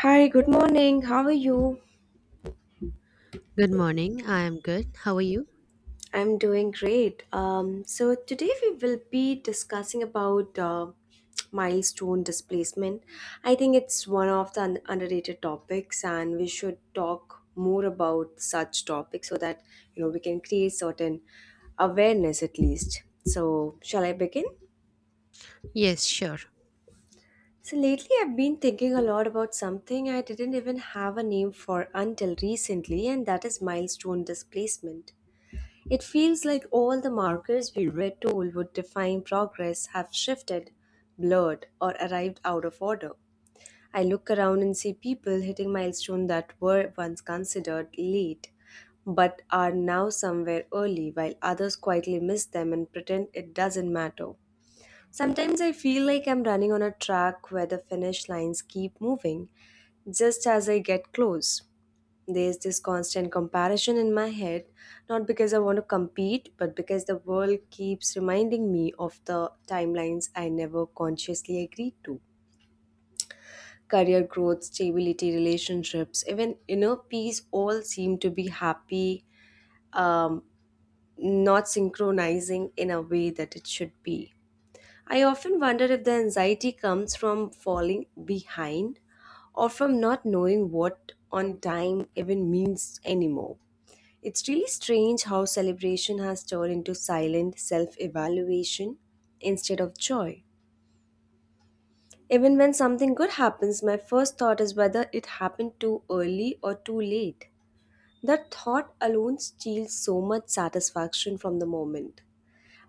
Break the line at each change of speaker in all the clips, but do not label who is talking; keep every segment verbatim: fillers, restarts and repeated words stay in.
Hi, good morning. How are you?
Good morning. I am good. How are you?
I'm doing great. Um, so today we will be discussing about uh, milestone displacement. I think it's one of the un- underrated topics, and we should talk more about such topics so that you know we can create certain awareness at least. So, shall I begin?
Yes, sure.
So lately, I've been thinking a lot about something I didn't even have a name for until recently, and that is milestone displacement. It feels like all the markers we read told would define progress have shifted, blurred, or arrived out of order. I look around and see people hitting milestones that were once considered late but are now somewhere early while others quietly miss them and pretend it doesn't matter. Sometimes I feel like I'm running on a track where the finish lines keep moving just as I get close. There's this constant comparison in my head, not because I want to compete, but because the world keeps reminding me of the timelines I never consciously agreed to. Career growth, stability, relationships, even inner peace all seem to be happy, um, not synchronizing in a way that it should be. I often wonder if the anxiety comes from falling behind or from not knowing what on time even means anymore. It's really strange how celebration has turned into silent self evaluation instead of joy. Even when something good happens, my first thought is whether it happened too early or too late. That thought alone steals so much satisfaction from the moment.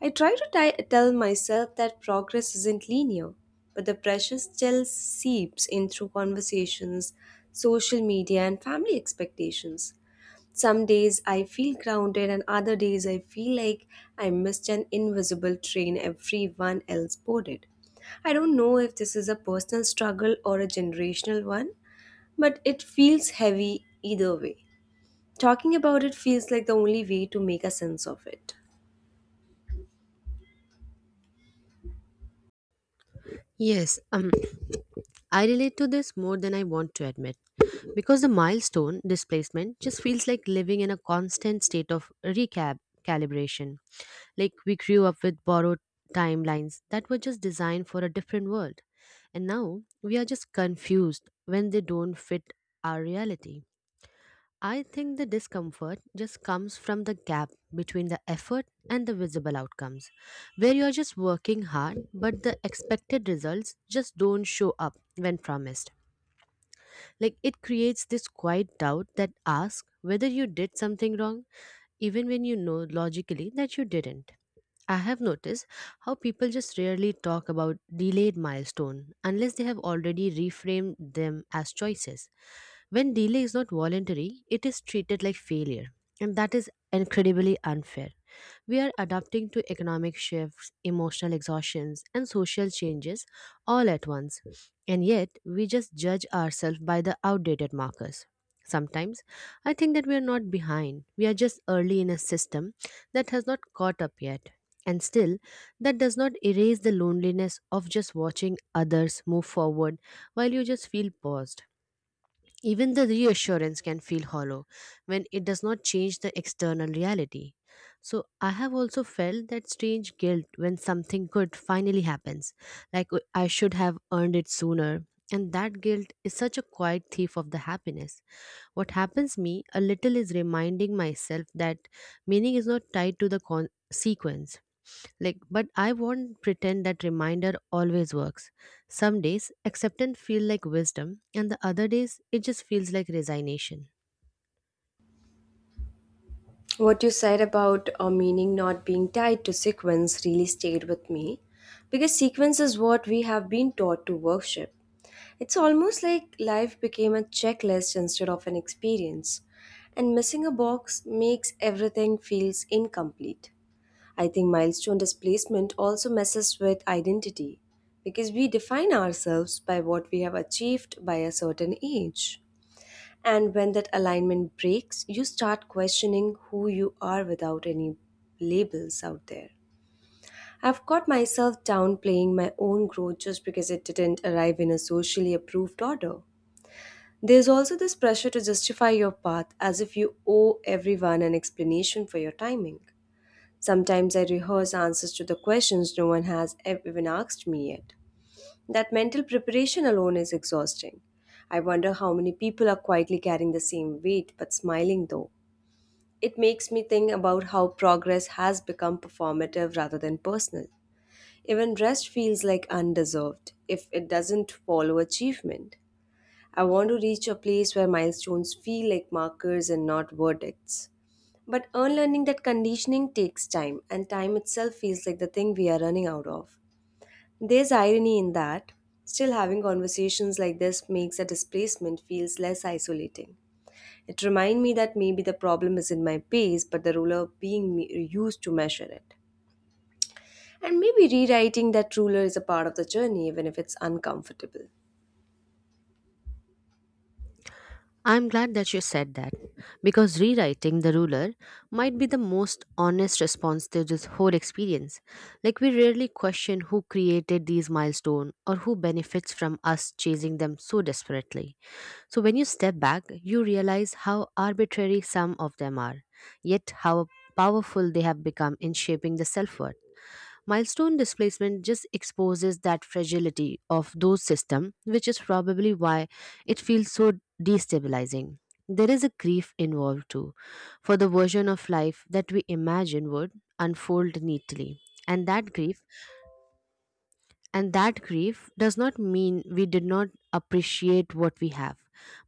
I try to ti- tell myself that progress isn't linear, but the pressure still seeps in through conversations, social media, and family expectations. Some days I feel grounded, and other days I feel like I missed an invisible train everyone else boarded. I don't know if this is a personal struggle or a generational one, but it feels heavy either way. Talking about it feels like the only way to make a sense of it.
Yes, um, I relate to this more than I want to admit because the milestone displacement just feels like living in a constant state of recap calibration. Like we grew up with borrowed timelines that were just designed for a different world, and now we are just confused when they don't fit our reality. I think the discomfort just comes from the gap between the effort and the visible outcomes, where you're just working hard, but the expected results just don't show up when promised. Like it creates this quiet doubt that asks whether you did something wrong, even when you know logically that you didn't. I have noticed how people just rarely talk about delayed milestone unless they have already reframed them as choices. When delay is not voluntary, it is treated like failure, and that is incredibly unfair. We are adapting to economic shifts, emotional exhaustions, and social changes all at once. And yet, we just judge ourselves by the outdated markers. Sometimes, I think that we are not behind. We are just early in a system that has not caught up yet. And still, that does not erase the loneliness of just watching others move forward while you just feel paused. Even the reassurance can feel hollow when it does not change the external reality. So, I have also felt that strange guilt when something good finally happens, like "Oh, I should have earned it sooner." And that guilt is such a quiet thief of the happiness. What happens me a little is reminding myself that meaning is not tied to the con- sequence like, but I won't pretend that reminder always works. Some days acceptance feel like wisdom, and the other days it just feels like resignation.
What you said about a meaning not being tied to sequence really stayed with me because sequence is what we have been taught to worship. It's almost like life became a checklist instead of an experience, and missing a box makes everything feels incomplete. I think milestone displacement also messes with identity because we define ourselves by what we have achieved by a certain age. And when that alignment breaks, you start questioning who you are without any labels out there. I've caught myself downplaying my own growth just because it didn't arrive in a socially approved order. There's also this pressure to justify your path as if you owe everyone an explanation for your timing. Sometimes I rehearse answers to the questions no one has ev- even asked me yet. That mental preparation alone is exhausting. I wonder how many people are quietly carrying the same weight but smiling though. It makes me think about how progress has become performative rather than personal. Even rest feels like undeserved if it doesn't follow achievement. I want to reach a place where milestones feel like markers and not verdicts. But unlearning that conditioning takes time, and time itself feels like the thing we are running out of. There's irony in that. Still, having conversations like this makes a displacement feels less isolating. It reminds me that maybe the problem is in my pace, but the ruler being me- used to measure it. And maybe rewriting that ruler is a part of the journey, even if it's uncomfortable.
I'm glad that you said that because rewriting the ruler might be the most honest response to this whole experience. Like we rarely question who created these milestones or who benefits from us chasing them so desperately. So when you step back, you realize how arbitrary some of them are, yet how powerful they have become in shaping the self-worth. Milestone displacement just exposes that fragility of those systems, which is probably why it feels so destabilizing. There is a grief involved too, for the version of life that we imagine would unfold neatly. And that grief, and that grief does not mean we did not appreciate what we have,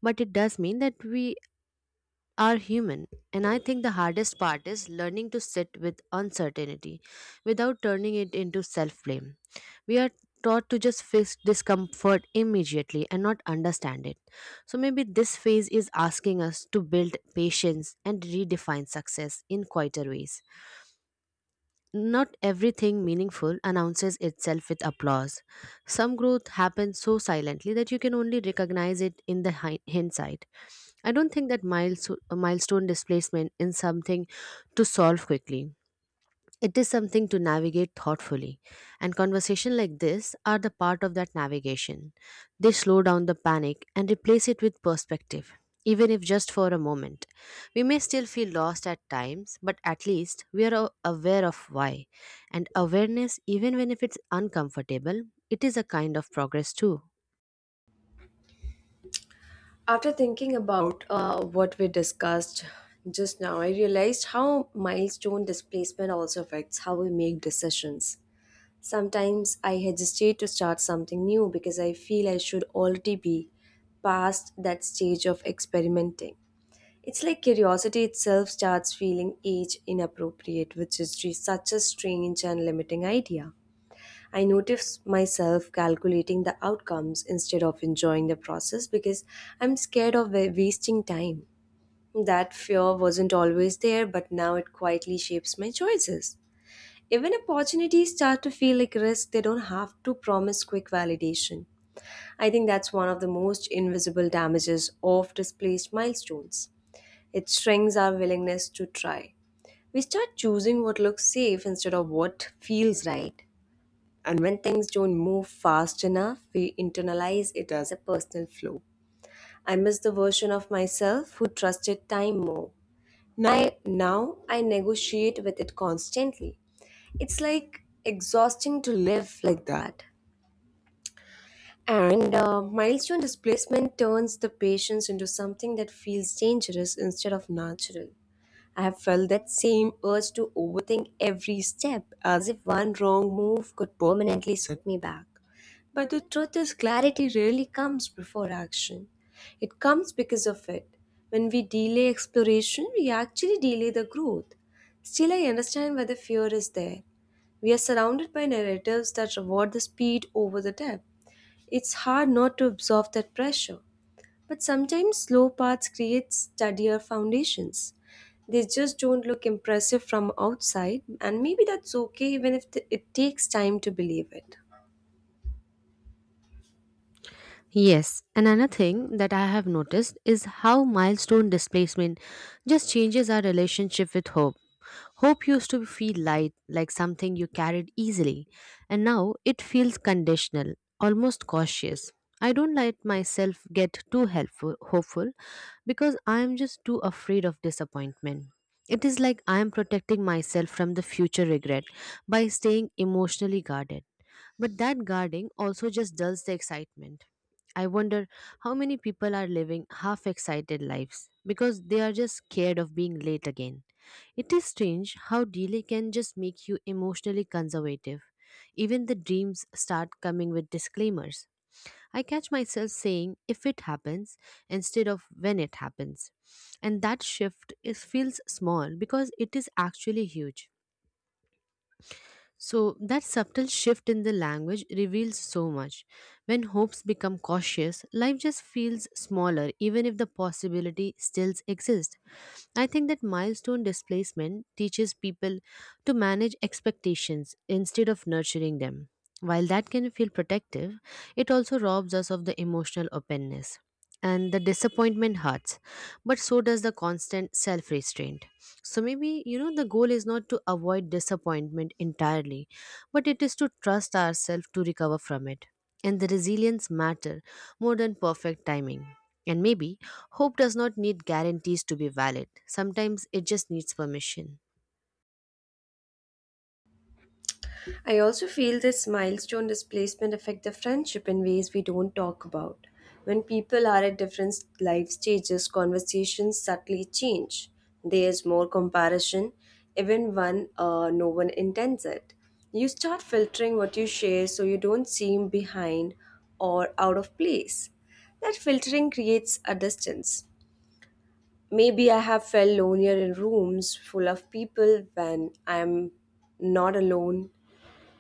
but it does mean that we are human. And I think the hardest part is learning to sit with uncertainty without turning it into self blame. We are taught to just fix discomfort immediately and not understand it. So maybe this phase is asking us to build patience and redefine success in quieter ways. Not everything meaningful announces itself with applause. Some growth happens so silently that you can only recognize it in the hi- hindsight. I don't think that milesto- a milestone displacement is something to solve quickly. It is something to navigate thoughtfully. And conversation like this are the part of that navigation. They slow down the panic and replace it with perspective, even if just for a moment. We may still feel lost at times, but at least we are a- aware of why. And awareness, even when if it's uncomfortable, it is a kind of progress too.
After thinking about uh, what we discussed just now, I realized how milestone displacement also affects how we make decisions. Sometimes I hesitate to start something new because I feel I should already be past that stage of experimenting. It's like curiosity itself starts feeling age inappropriate, which is re- such a strange and limiting idea. I notice myself calculating the outcomes instead of enjoying the process because I'm scared of wa- wasting time. That fear wasn't always there, but now it quietly shapes my choices. Even opportunities start to feel like risk, they don't have to promise quick validation. I think that's one of the most invisible damages of displaced milestones. It shrinks our willingness to try. We start choosing what looks safe instead of what feels right. And when things don't move fast enough, we internalize it as a personal flaw. I miss the version of myself who trusted time more. Now, now I negotiate with it constantly. It's like exhausting to live like that. And uh, milestone displacement turns the patience into something that feels dangerous instead of natural. I have felt that same urge to overthink every step, as if one wrong move could permanently set me back. But the truth is, clarity rarely comes before action. It comes because of it. When we delay exploration, we actually delay the growth. Still, I understand why the fear is there. We are surrounded by narratives that reward the speed over the depth. It's hard not to absorb that pressure. But sometimes slow paths create steadier foundations. They just don't look impressive from outside, and maybe that's okay even if th- it takes time to believe it.
Yes, and another thing that I have noticed is how milestone displacement just changes our relationship with hope. Hope used to feel light, like something you carried easily, and now it feels conditional, almost cautious. I don't let myself get too helpful, hopeful because I am just too afraid of disappointment. It is like I am protecting myself from the future regret by staying emotionally guarded. But that guarding also just dulls the excitement. I wonder how many people are living half excited lives because they are just scared of being late again. It is strange how delay can just make you emotionally conservative. Even the dreams start coming with disclaimers. I catch myself saying if it happens instead of when it happens. And that shift is feels small because it is actually huge. So, that subtle shift in the language reveals so much. When hopes become cautious, life just feels smaller, even if the possibility still exists. I think that milestone displacement teaches people to manage expectations instead of nurturing them. While that can feel protective, it also robs us of the emotional openness and the disappointment hurts, but so does the constant self restraint. So maybe, you know, the goal is not to avoid disappointment entirely, but it is to trust ourselves to recover from it. And the resilience matter more than perfect timing. And maybe hope does not need guarantees to be valid. Sometimes it just needs permission.
I also feel this milestone displacement affect the friendship in ways we don't talk about. When people are at different life stages, conversations subtly change. There's more comparison, even when uh, no one intends it. You start filtering what you share so you don't seem behind or out of place. That filtering creates a distance. Maybe I have felt lonelier in rooms full of people when I'm not alone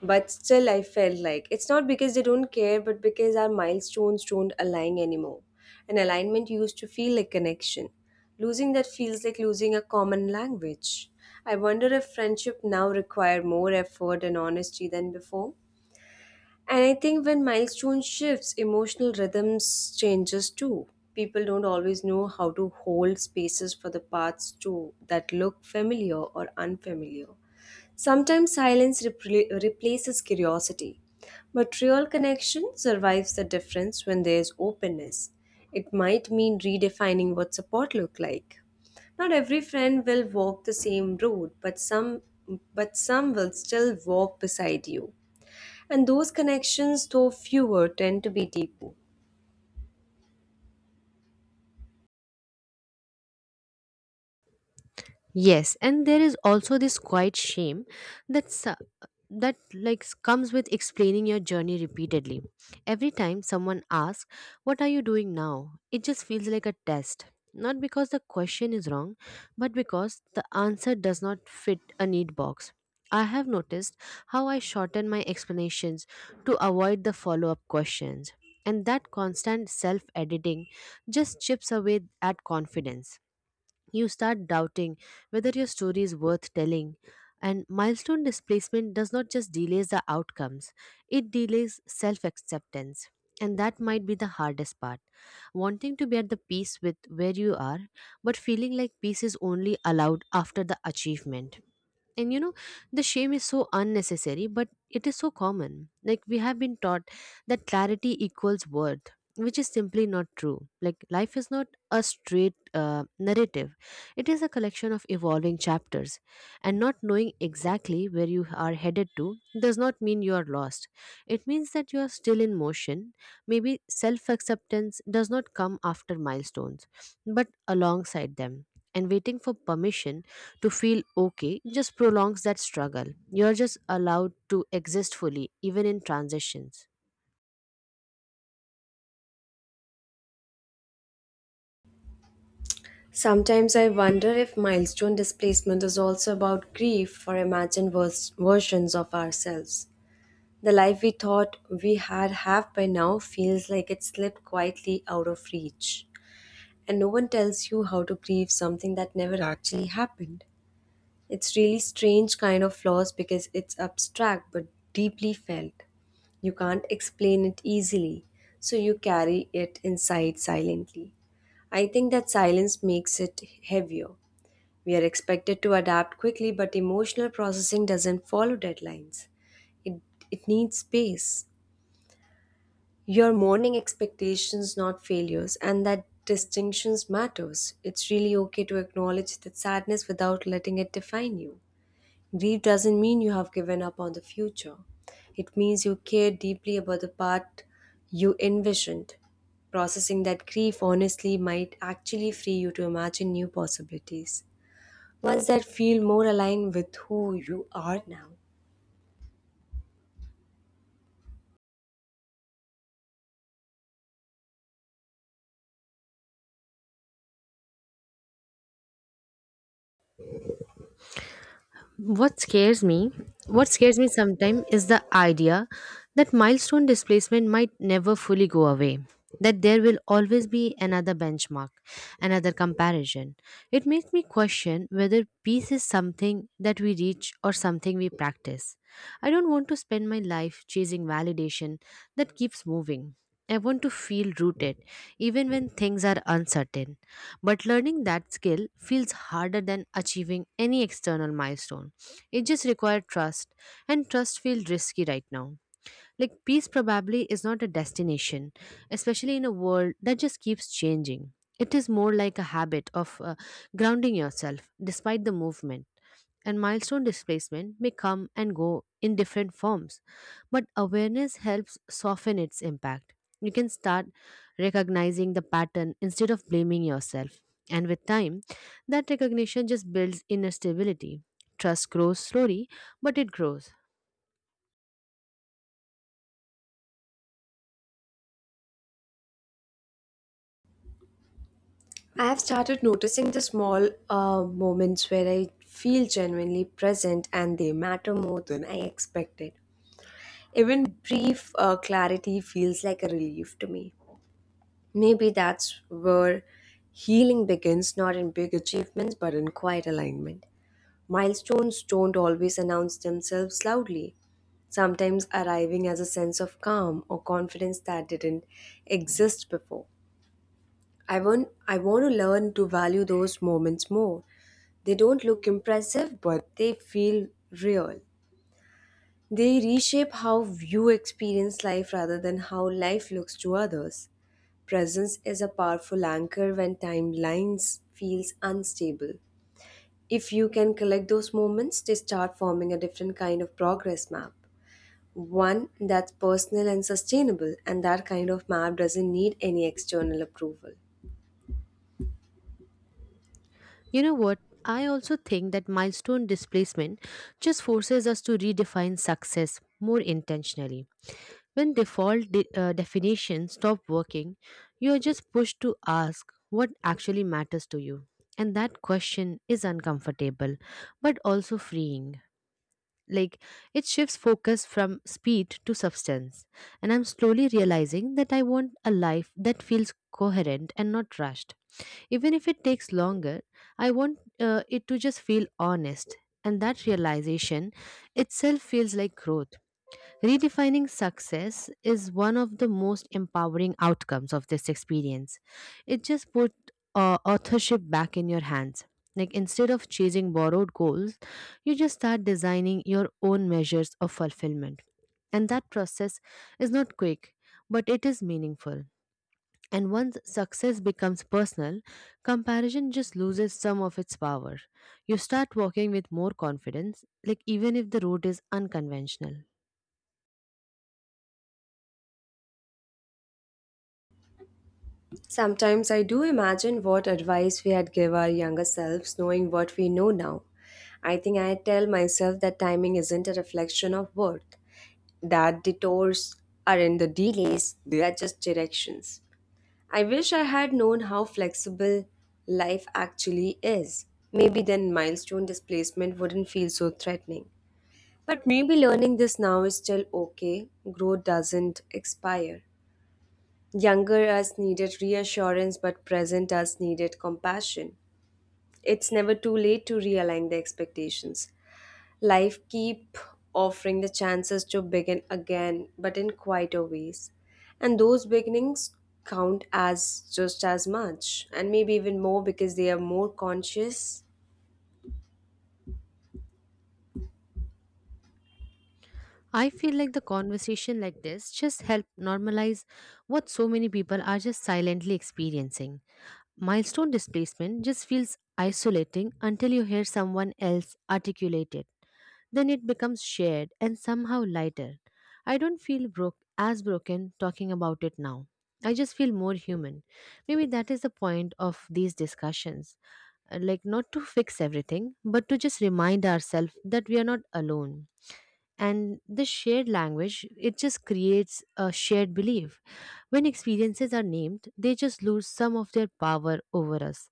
but still, I felt like it's not because they don't care, but because our milestones don't align anymore. An alignment used to feel like connection. Losing that feels like losing a common language. I wonder if friendship now require more effort and honesty than before. And I think when milestone shifts, emotional rhythms changes too. People don't always know how to hold spaces for the paths too that look familiar or unfamiliar. Sometimes silence repl- replaces curiosity, but real connection survives the difference when there is openness. It might mean redefining what support look like. Not every friend will walk the same road, but some but some will still walk beside you. And those connections, though fewer, tend to be deeper.
Yes, and there is also this quiet shame that su- that like s- comes with explaining your journey repeatedly. Every time someone asks, "What are you doing now?" it just feels like a test. Not because the question is wrong, but because the answer does not fit a neat box. I have noticed how I shorten my explanations to avoid the follow-up questions, and that constant self-editing just chips away at confidence. You start doubting whether your story is worth telling. And milestone displacement does not just delays the outcomes, it delays self acceptance. And that might be the hardest part. Wanting to be at the peace with where you are, but feeling like peace is only allowed after the achievement. And you know, the shame is so unnecessary, but it is so common. Like we have been taught that clarity equals worth, which is simply not true. Like life is not a straight uh, narrative. It is a collection of evolving chapters, and not knowing exactly where you are headed to does not mean you are lost. It means that you are still in motion. Maybe self acceptance does not come after milestones, but alongside them, and waiting for permission to feel okay just prolongs that struggle. You're just allowed to exist fully, even in transitions.
Sometimes I wonder if milestone displacement is also about grief for imagined vers- versions of ourselves. The life we thought we had have by now feels like it slipped quietly out of reach. And no one tells you how to grieve something that never actually happened. It's really strange kind of loss because it's abstract but deeply felt. You can't explain it easily, so you carry it inside silently. I think that silence makes it heavier. We are expected to adapt quickly, but emotional processing doesn't follow deadlines. It, it needs space. You're mourning expectations, not failures, and that distinctions matters. It's really okay to acknowledge that sadness without letting it define you. Grief doesn't mean you have given up on the future. It means you care deeply about the part you envisioned. Processing that grief honestly might actually free you to imagine new possibilities ones that feel more aligned with who you are now.
What scares me, what scares me sometimes is the idea that milestone displacement might never fully go away, that there will always be another benchmark, another comparison. It makes me question whether peace is something that we reach or something we practice. I don't want to spend my life chasing validation that keeps moving. I want to feel rooted even when things are uncertain. But learning that skill feels harder than achieving any external milestone. It just required trust, and trust feels risky right now. Like, peace probably is not a destination, especially in a world that just keeps changing. It is more like a habit of uh, grounding yourself despite the movement, and milestone displacement may come and go in different forms, but awareness helps soften its impact. You can start recognizing the pattern instead of blaming yourself. And with time, that recognition just builds inner stability. Trust grows slowly, but it grows.
I have started noticing the small uh, moments where I feel genuinely present and they matter more than I expected. Even brief uh, clarity feels like a relief to me. Maybe that's where healing begins, not in big achievements but in quiet alignment. Milestones don't always announce themselves loudly, sometimes arriving as a sense of calm or confidence that didn't exist before. I want I want to learn to value those moments more. They don't look impressive, but they feel real. They reshape how you experience life rather than how life looks to others. Presence is a powerful anchor when timelines feels unstable. If you can collect those moments, they start forming a different kind of progress map. One that's personal and sustainable, and that kind of map doesn't need any external approval.
You know what? I also think that milestone displacement just forces us to redefine success more intentionally. When default de- uh, definitions stop working, you are just pushed to ask what actually matters to you. And that question is uncomfortable, but also freeing. Like, it shifts focus from speed to substance. And I'm slowly realizing that I want a life that feels coherent and not rushed. Even if it takes longer, I want uh, it to just feel honest. And that realization itself feels like growth. Redefining success is one of the most empowering outcomes of this experience. It just put uh, authorship back in your hands. Like instead of chasing borrowed goals, you just start designing your own measures of fulfillment. And that process is not quick, but it is meaningful. And once success becomes personal, comparison just loses some of its power. You start walking with more confidence, like even if the road is unconventional.
Sometimes I do imagine what advice we had give our younger selves knowing what we know now. I think I tell myself that timing isn't a reflection of worth, that the detours aren't the delays, they are just directions. I wish I had known how flexible life actually is. Maybe then milestone displacement wouldn't feel so threatening. But maybe learning this now is still okay. Growth doesn't expire. Younger us needed reassurance, but present us needed compassion. It's never too late to realign the expectations. Life keep offering the chances to begin again, but in quieter ways. And those beginnings count as just as much, and maybe even more because they are more conscious.
I feel like the conversation like this just help normalize what so many people are just silently experiencing. Milestone displacement just feels isolating until you hear someone else articulate it. Then it becomes shared and somehow lighter. I don't feel broke as broken talking about it now. I just feel more human. Maybe that is the point of these discussions. Uh, Like not to fix everything, but to just remind ourselves that we are not alone, and this shared language, it just creates a shared belief. When experiences are named, they just lose some of their power over us.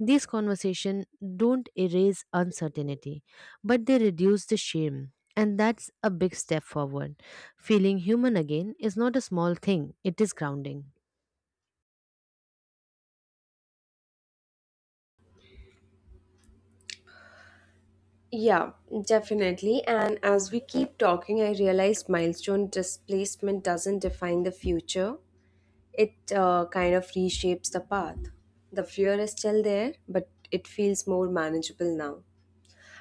These conversations don't erase uncertainty, but they reduce the shame, and that's a big step forward. Feeling human again is not a small thing, it is grounding.
Yeah, definitely. And as we keep talking, I realized milestone displacement doesn't define the future It uh, kind of reshapes the path. The fear is still there, but it feels more manageable now.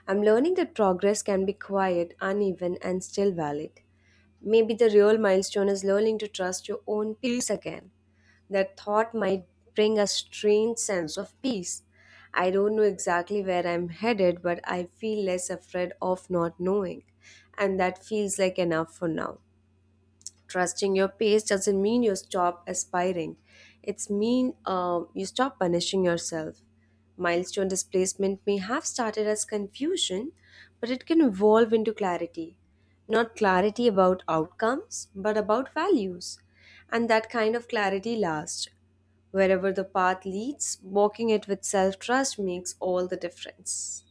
I'm learning that progress can be quiet, uneven, and still valid. Maybe the real milestone is learning to trust your own peace again. That thought might bring a strange sense of peace. I don't know exactly where I'm headed, but I feel less afraid of not knowing, and that feels like enough for now. Trusting your pace doesn't mean you stop aspiring. It's mean uh, you stop punishing yourself. Milestone displacement may have started as confusion, but it can evolve into clarity. Not clarity about outcomes, but about values. And that kind of clarity lasts. Wherever the path leads, walking it with self trust makes all the difference.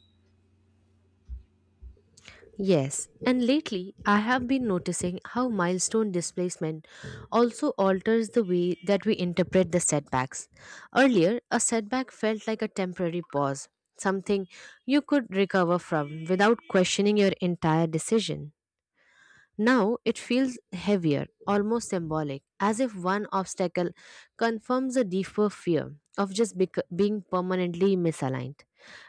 Yes, and lately I have been noticing how milestone displacement also alters the way that we interpret the setbacks. Earlier, a setback felt like a temporary pause, something you could recover from without questioning your entire decision. Now it feels heavier, almost symbolic, as if one obstacle confirms a deeper fear of just bec- being permanently misaligned.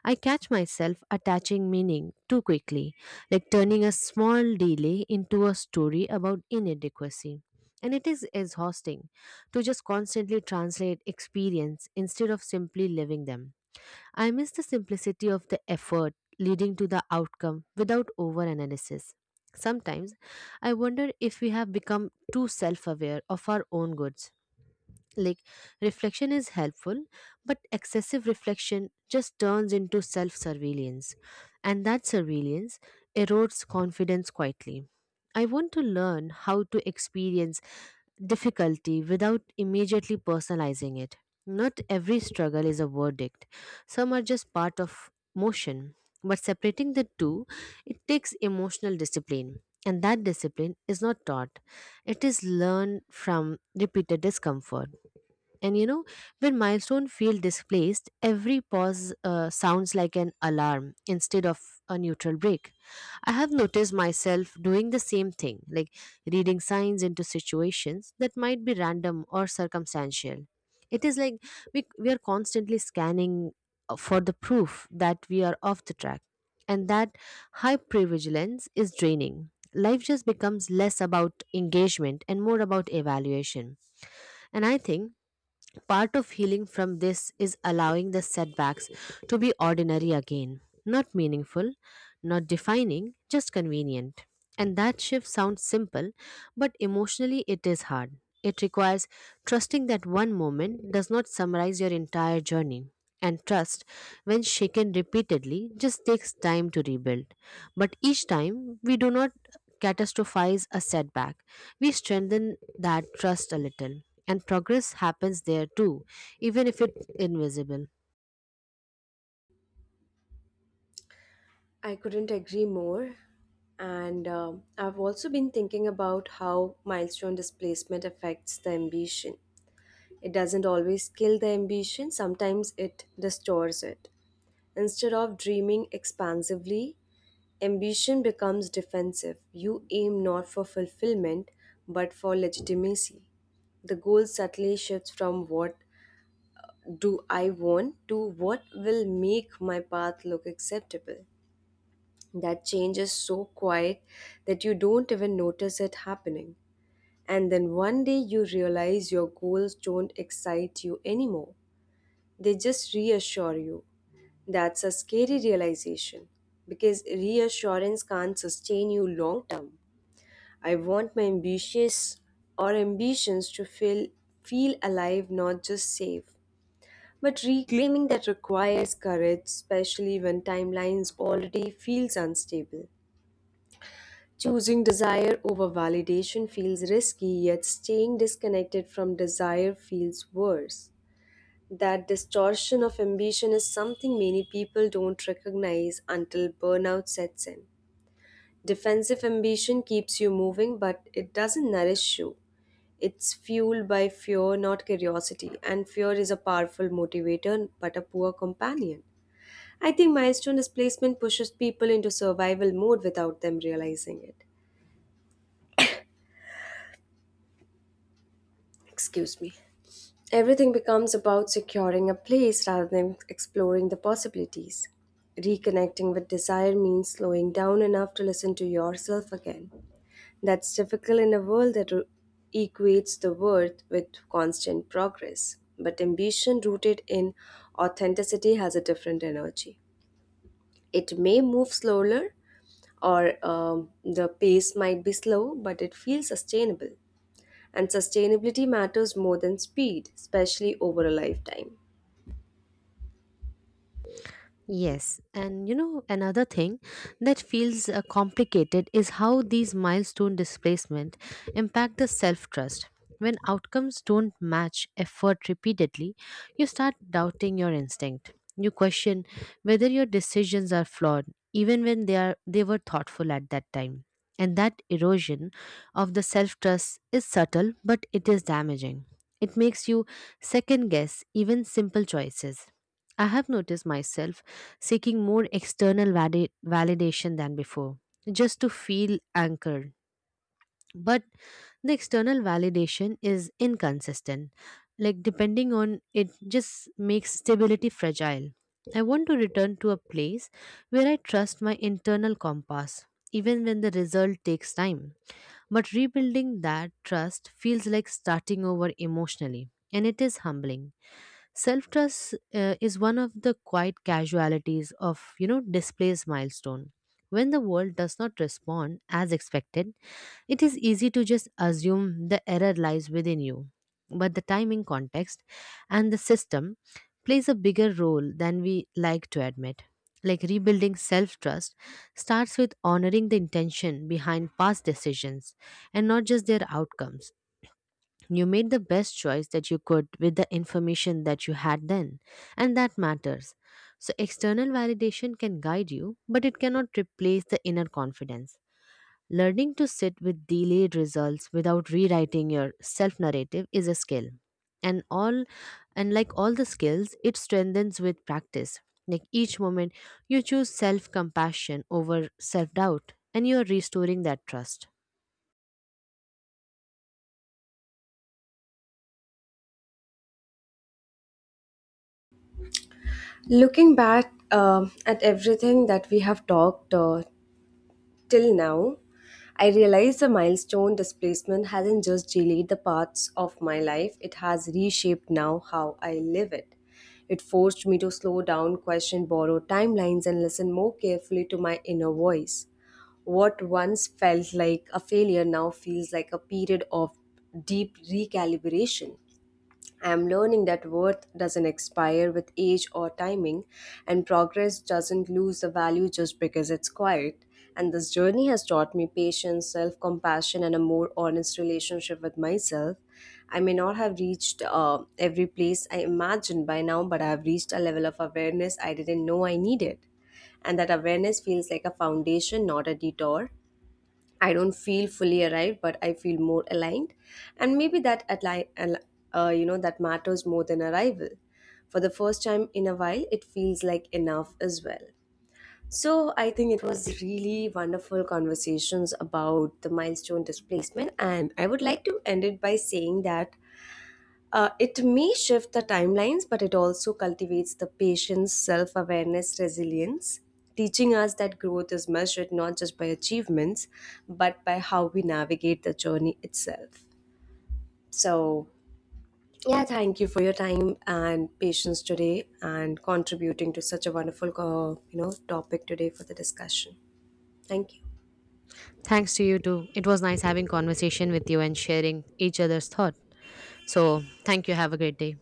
I catch myself attaching meaning too quickly, like turning a small delay into a story about inadequacy. And it is exhausting to just constantly translate experience instead of simply living them. I miss the simplicity of the effort leading to the outcome without overanalysis. Sometimes I wonder if we have become too self aware of our own goods. Like, reflection is helpful, but excessive reflection just turns into self surveillance, and that surveillance erodes confidence quietly. I want to learn how to experience difficulty without immediately personalizing it. Not every struggle is a verdict, some are just part of motion. But separating the two, it takes emotional discipline. And that discipline is not taught, it is learned from repeated discomfort. And you know, when milestone feel displaced, every pause uh, sounds like an alarm instead of a neutral break. I have noticed myself doing the same thing, like reading signs into situations that might be random or circumstantial. It is like we, we are constantly scanning uh, for the proof that we are off the track. And that hypervigilance is draining. Life just becomes less about engagement and more about evaluation. And I think part of healing from this is allowing the setbacks to be ordinary again, not meaningful, not defining, just convenient. And that shift sounds simple, but emotionally it is hard. It requires trusting that one moment does not summarize your entire journey. And trust, when shaken repeatedly, just takes time to rebuild. But each time, we do not catastrophize a setback. We strengthen that trust a little. And progress happens there too, even if it's invisible.
I couldn't agree more. And um I've also been thinking about how milestone displacement affects the ambition. It doesn't always kill the ambition, sometimes it distorts it. Instead of dreaming expansively, ambition becomes defensive. You aim not for fulfillment, but for legitimacy. The goal subtly shifts from what do I want to what will make my path look acceptable. That change is so quiet that you don't even notice it happening. And then one day you realize your goals don't excite you anymore. They just reassure you. That's a scary realization because reassurance can't sustain you long term. I want my ambitious or ambitions to feel feel alive, not just safe. But reclaiming that requires courage, especially when timelines already feels unstable. Choosing desire over validation feels risky, yet staying disconnected from desire feels worse. That distortion of ambition is something many people don't recognize until burnout sets in. Defensive ambition keeps you moving, but it doesn't nourish you. It's fueled by fear, not curiosity, and fear is a powerful motivator but a poor companion. I think milestone displacement pushes people into survival mode without them realizing it. Excuse me. Everything becomes about securing a place rather than exploring the possibilities. Reconnecting with desire means slowing down enough to listen to yourself again. That's difficult in a world that r- equates the worth with constant progress. But ambition rooted in authenticity has a different energy. It may move slower, or um, the pace might be slow, but it feels sustainable. And sustainability matters more than speed, especially over a lifetime.
Yes, and you know, another thing that feels uh, complicated is how these milestone displacement impact the self trust. When outcomes don't match effort repeatedly, you start doubting your instinct. You question whether your decisions are flawed, even when they are they were thoughtful at that time. And that erosion of the self trust is subtle, but it is damaging. It makes you second guess even simple choices. I have noticed myself seeking more external vali- validation than before, just to feel anchored. But the external validation is inconsistent. Like, depending on it, just makes stability fragile. I want to return to a place where I trust my internal compass, even when the result takes time. But rebuilding that trust feels like starting over emotionally, and it is humbling. Self trust uh, is one of the quiet casualties of you know displays milestone. When the world does not respond as expected, it is easy to just assume the error lies within you, but the timing, context, and the system plays a bigger role than we like to admit. Like rebuilding self trust starts with honoring the intention behind past decisions and not just their outcomes. You made the best choice that you could with the information that you had then, and that matters. So, external validation can guide you, but it cannot replace the inner confidence. Learning to sit with delayed results without rewriting your self narrative is a skill. And all and like all the skills, it strengthens with practice. Like each moment you choose self compassion over self doubt and you are restoring that trust.
Looking back um at everything that we have talked uh, till now, I realize the milestone displacement hasn't just delayed the parts of my life, it has reshaped now how I live it. It forced me to slow down, question borrowed timelines, and listen more carefully to my inner voice. What once felt like a failure now feels like a period of deep recalibration. I'm learning that worth doesn't expire with age or timing, and progress doesn't lose the value just because it's quiet. And this journey has taught me patience, self compassion, and a more honest relationship with myself. I may not have reached uh, every place I imagined by now, but I have reached a level of awareness I didn't know I needed. And that awareness feels like a foundation, not a detour. I don't feel fully arrived, but I feel more aligned, and maybe that atli- al- uh, you know that matters more than arrival. For the first time in a while, it feels like enough as well. So I think it was really wonderful conversations about the milestone displacement, and I would like to end it by saying that uh, it may shift the timelines, but it also cultivates the patient's self awareness resilience, teaching us that growth is measured not just by achievements, but by how we navigate the journey itself. So, yeah, thank you for your time and patience today and contributing to such a wonderful, uh, you know, topic today for the discussion. Thank you.
Thanks to you too. It was nice having conversation with you and sharing each other's thought. So, thank you. Have a great day.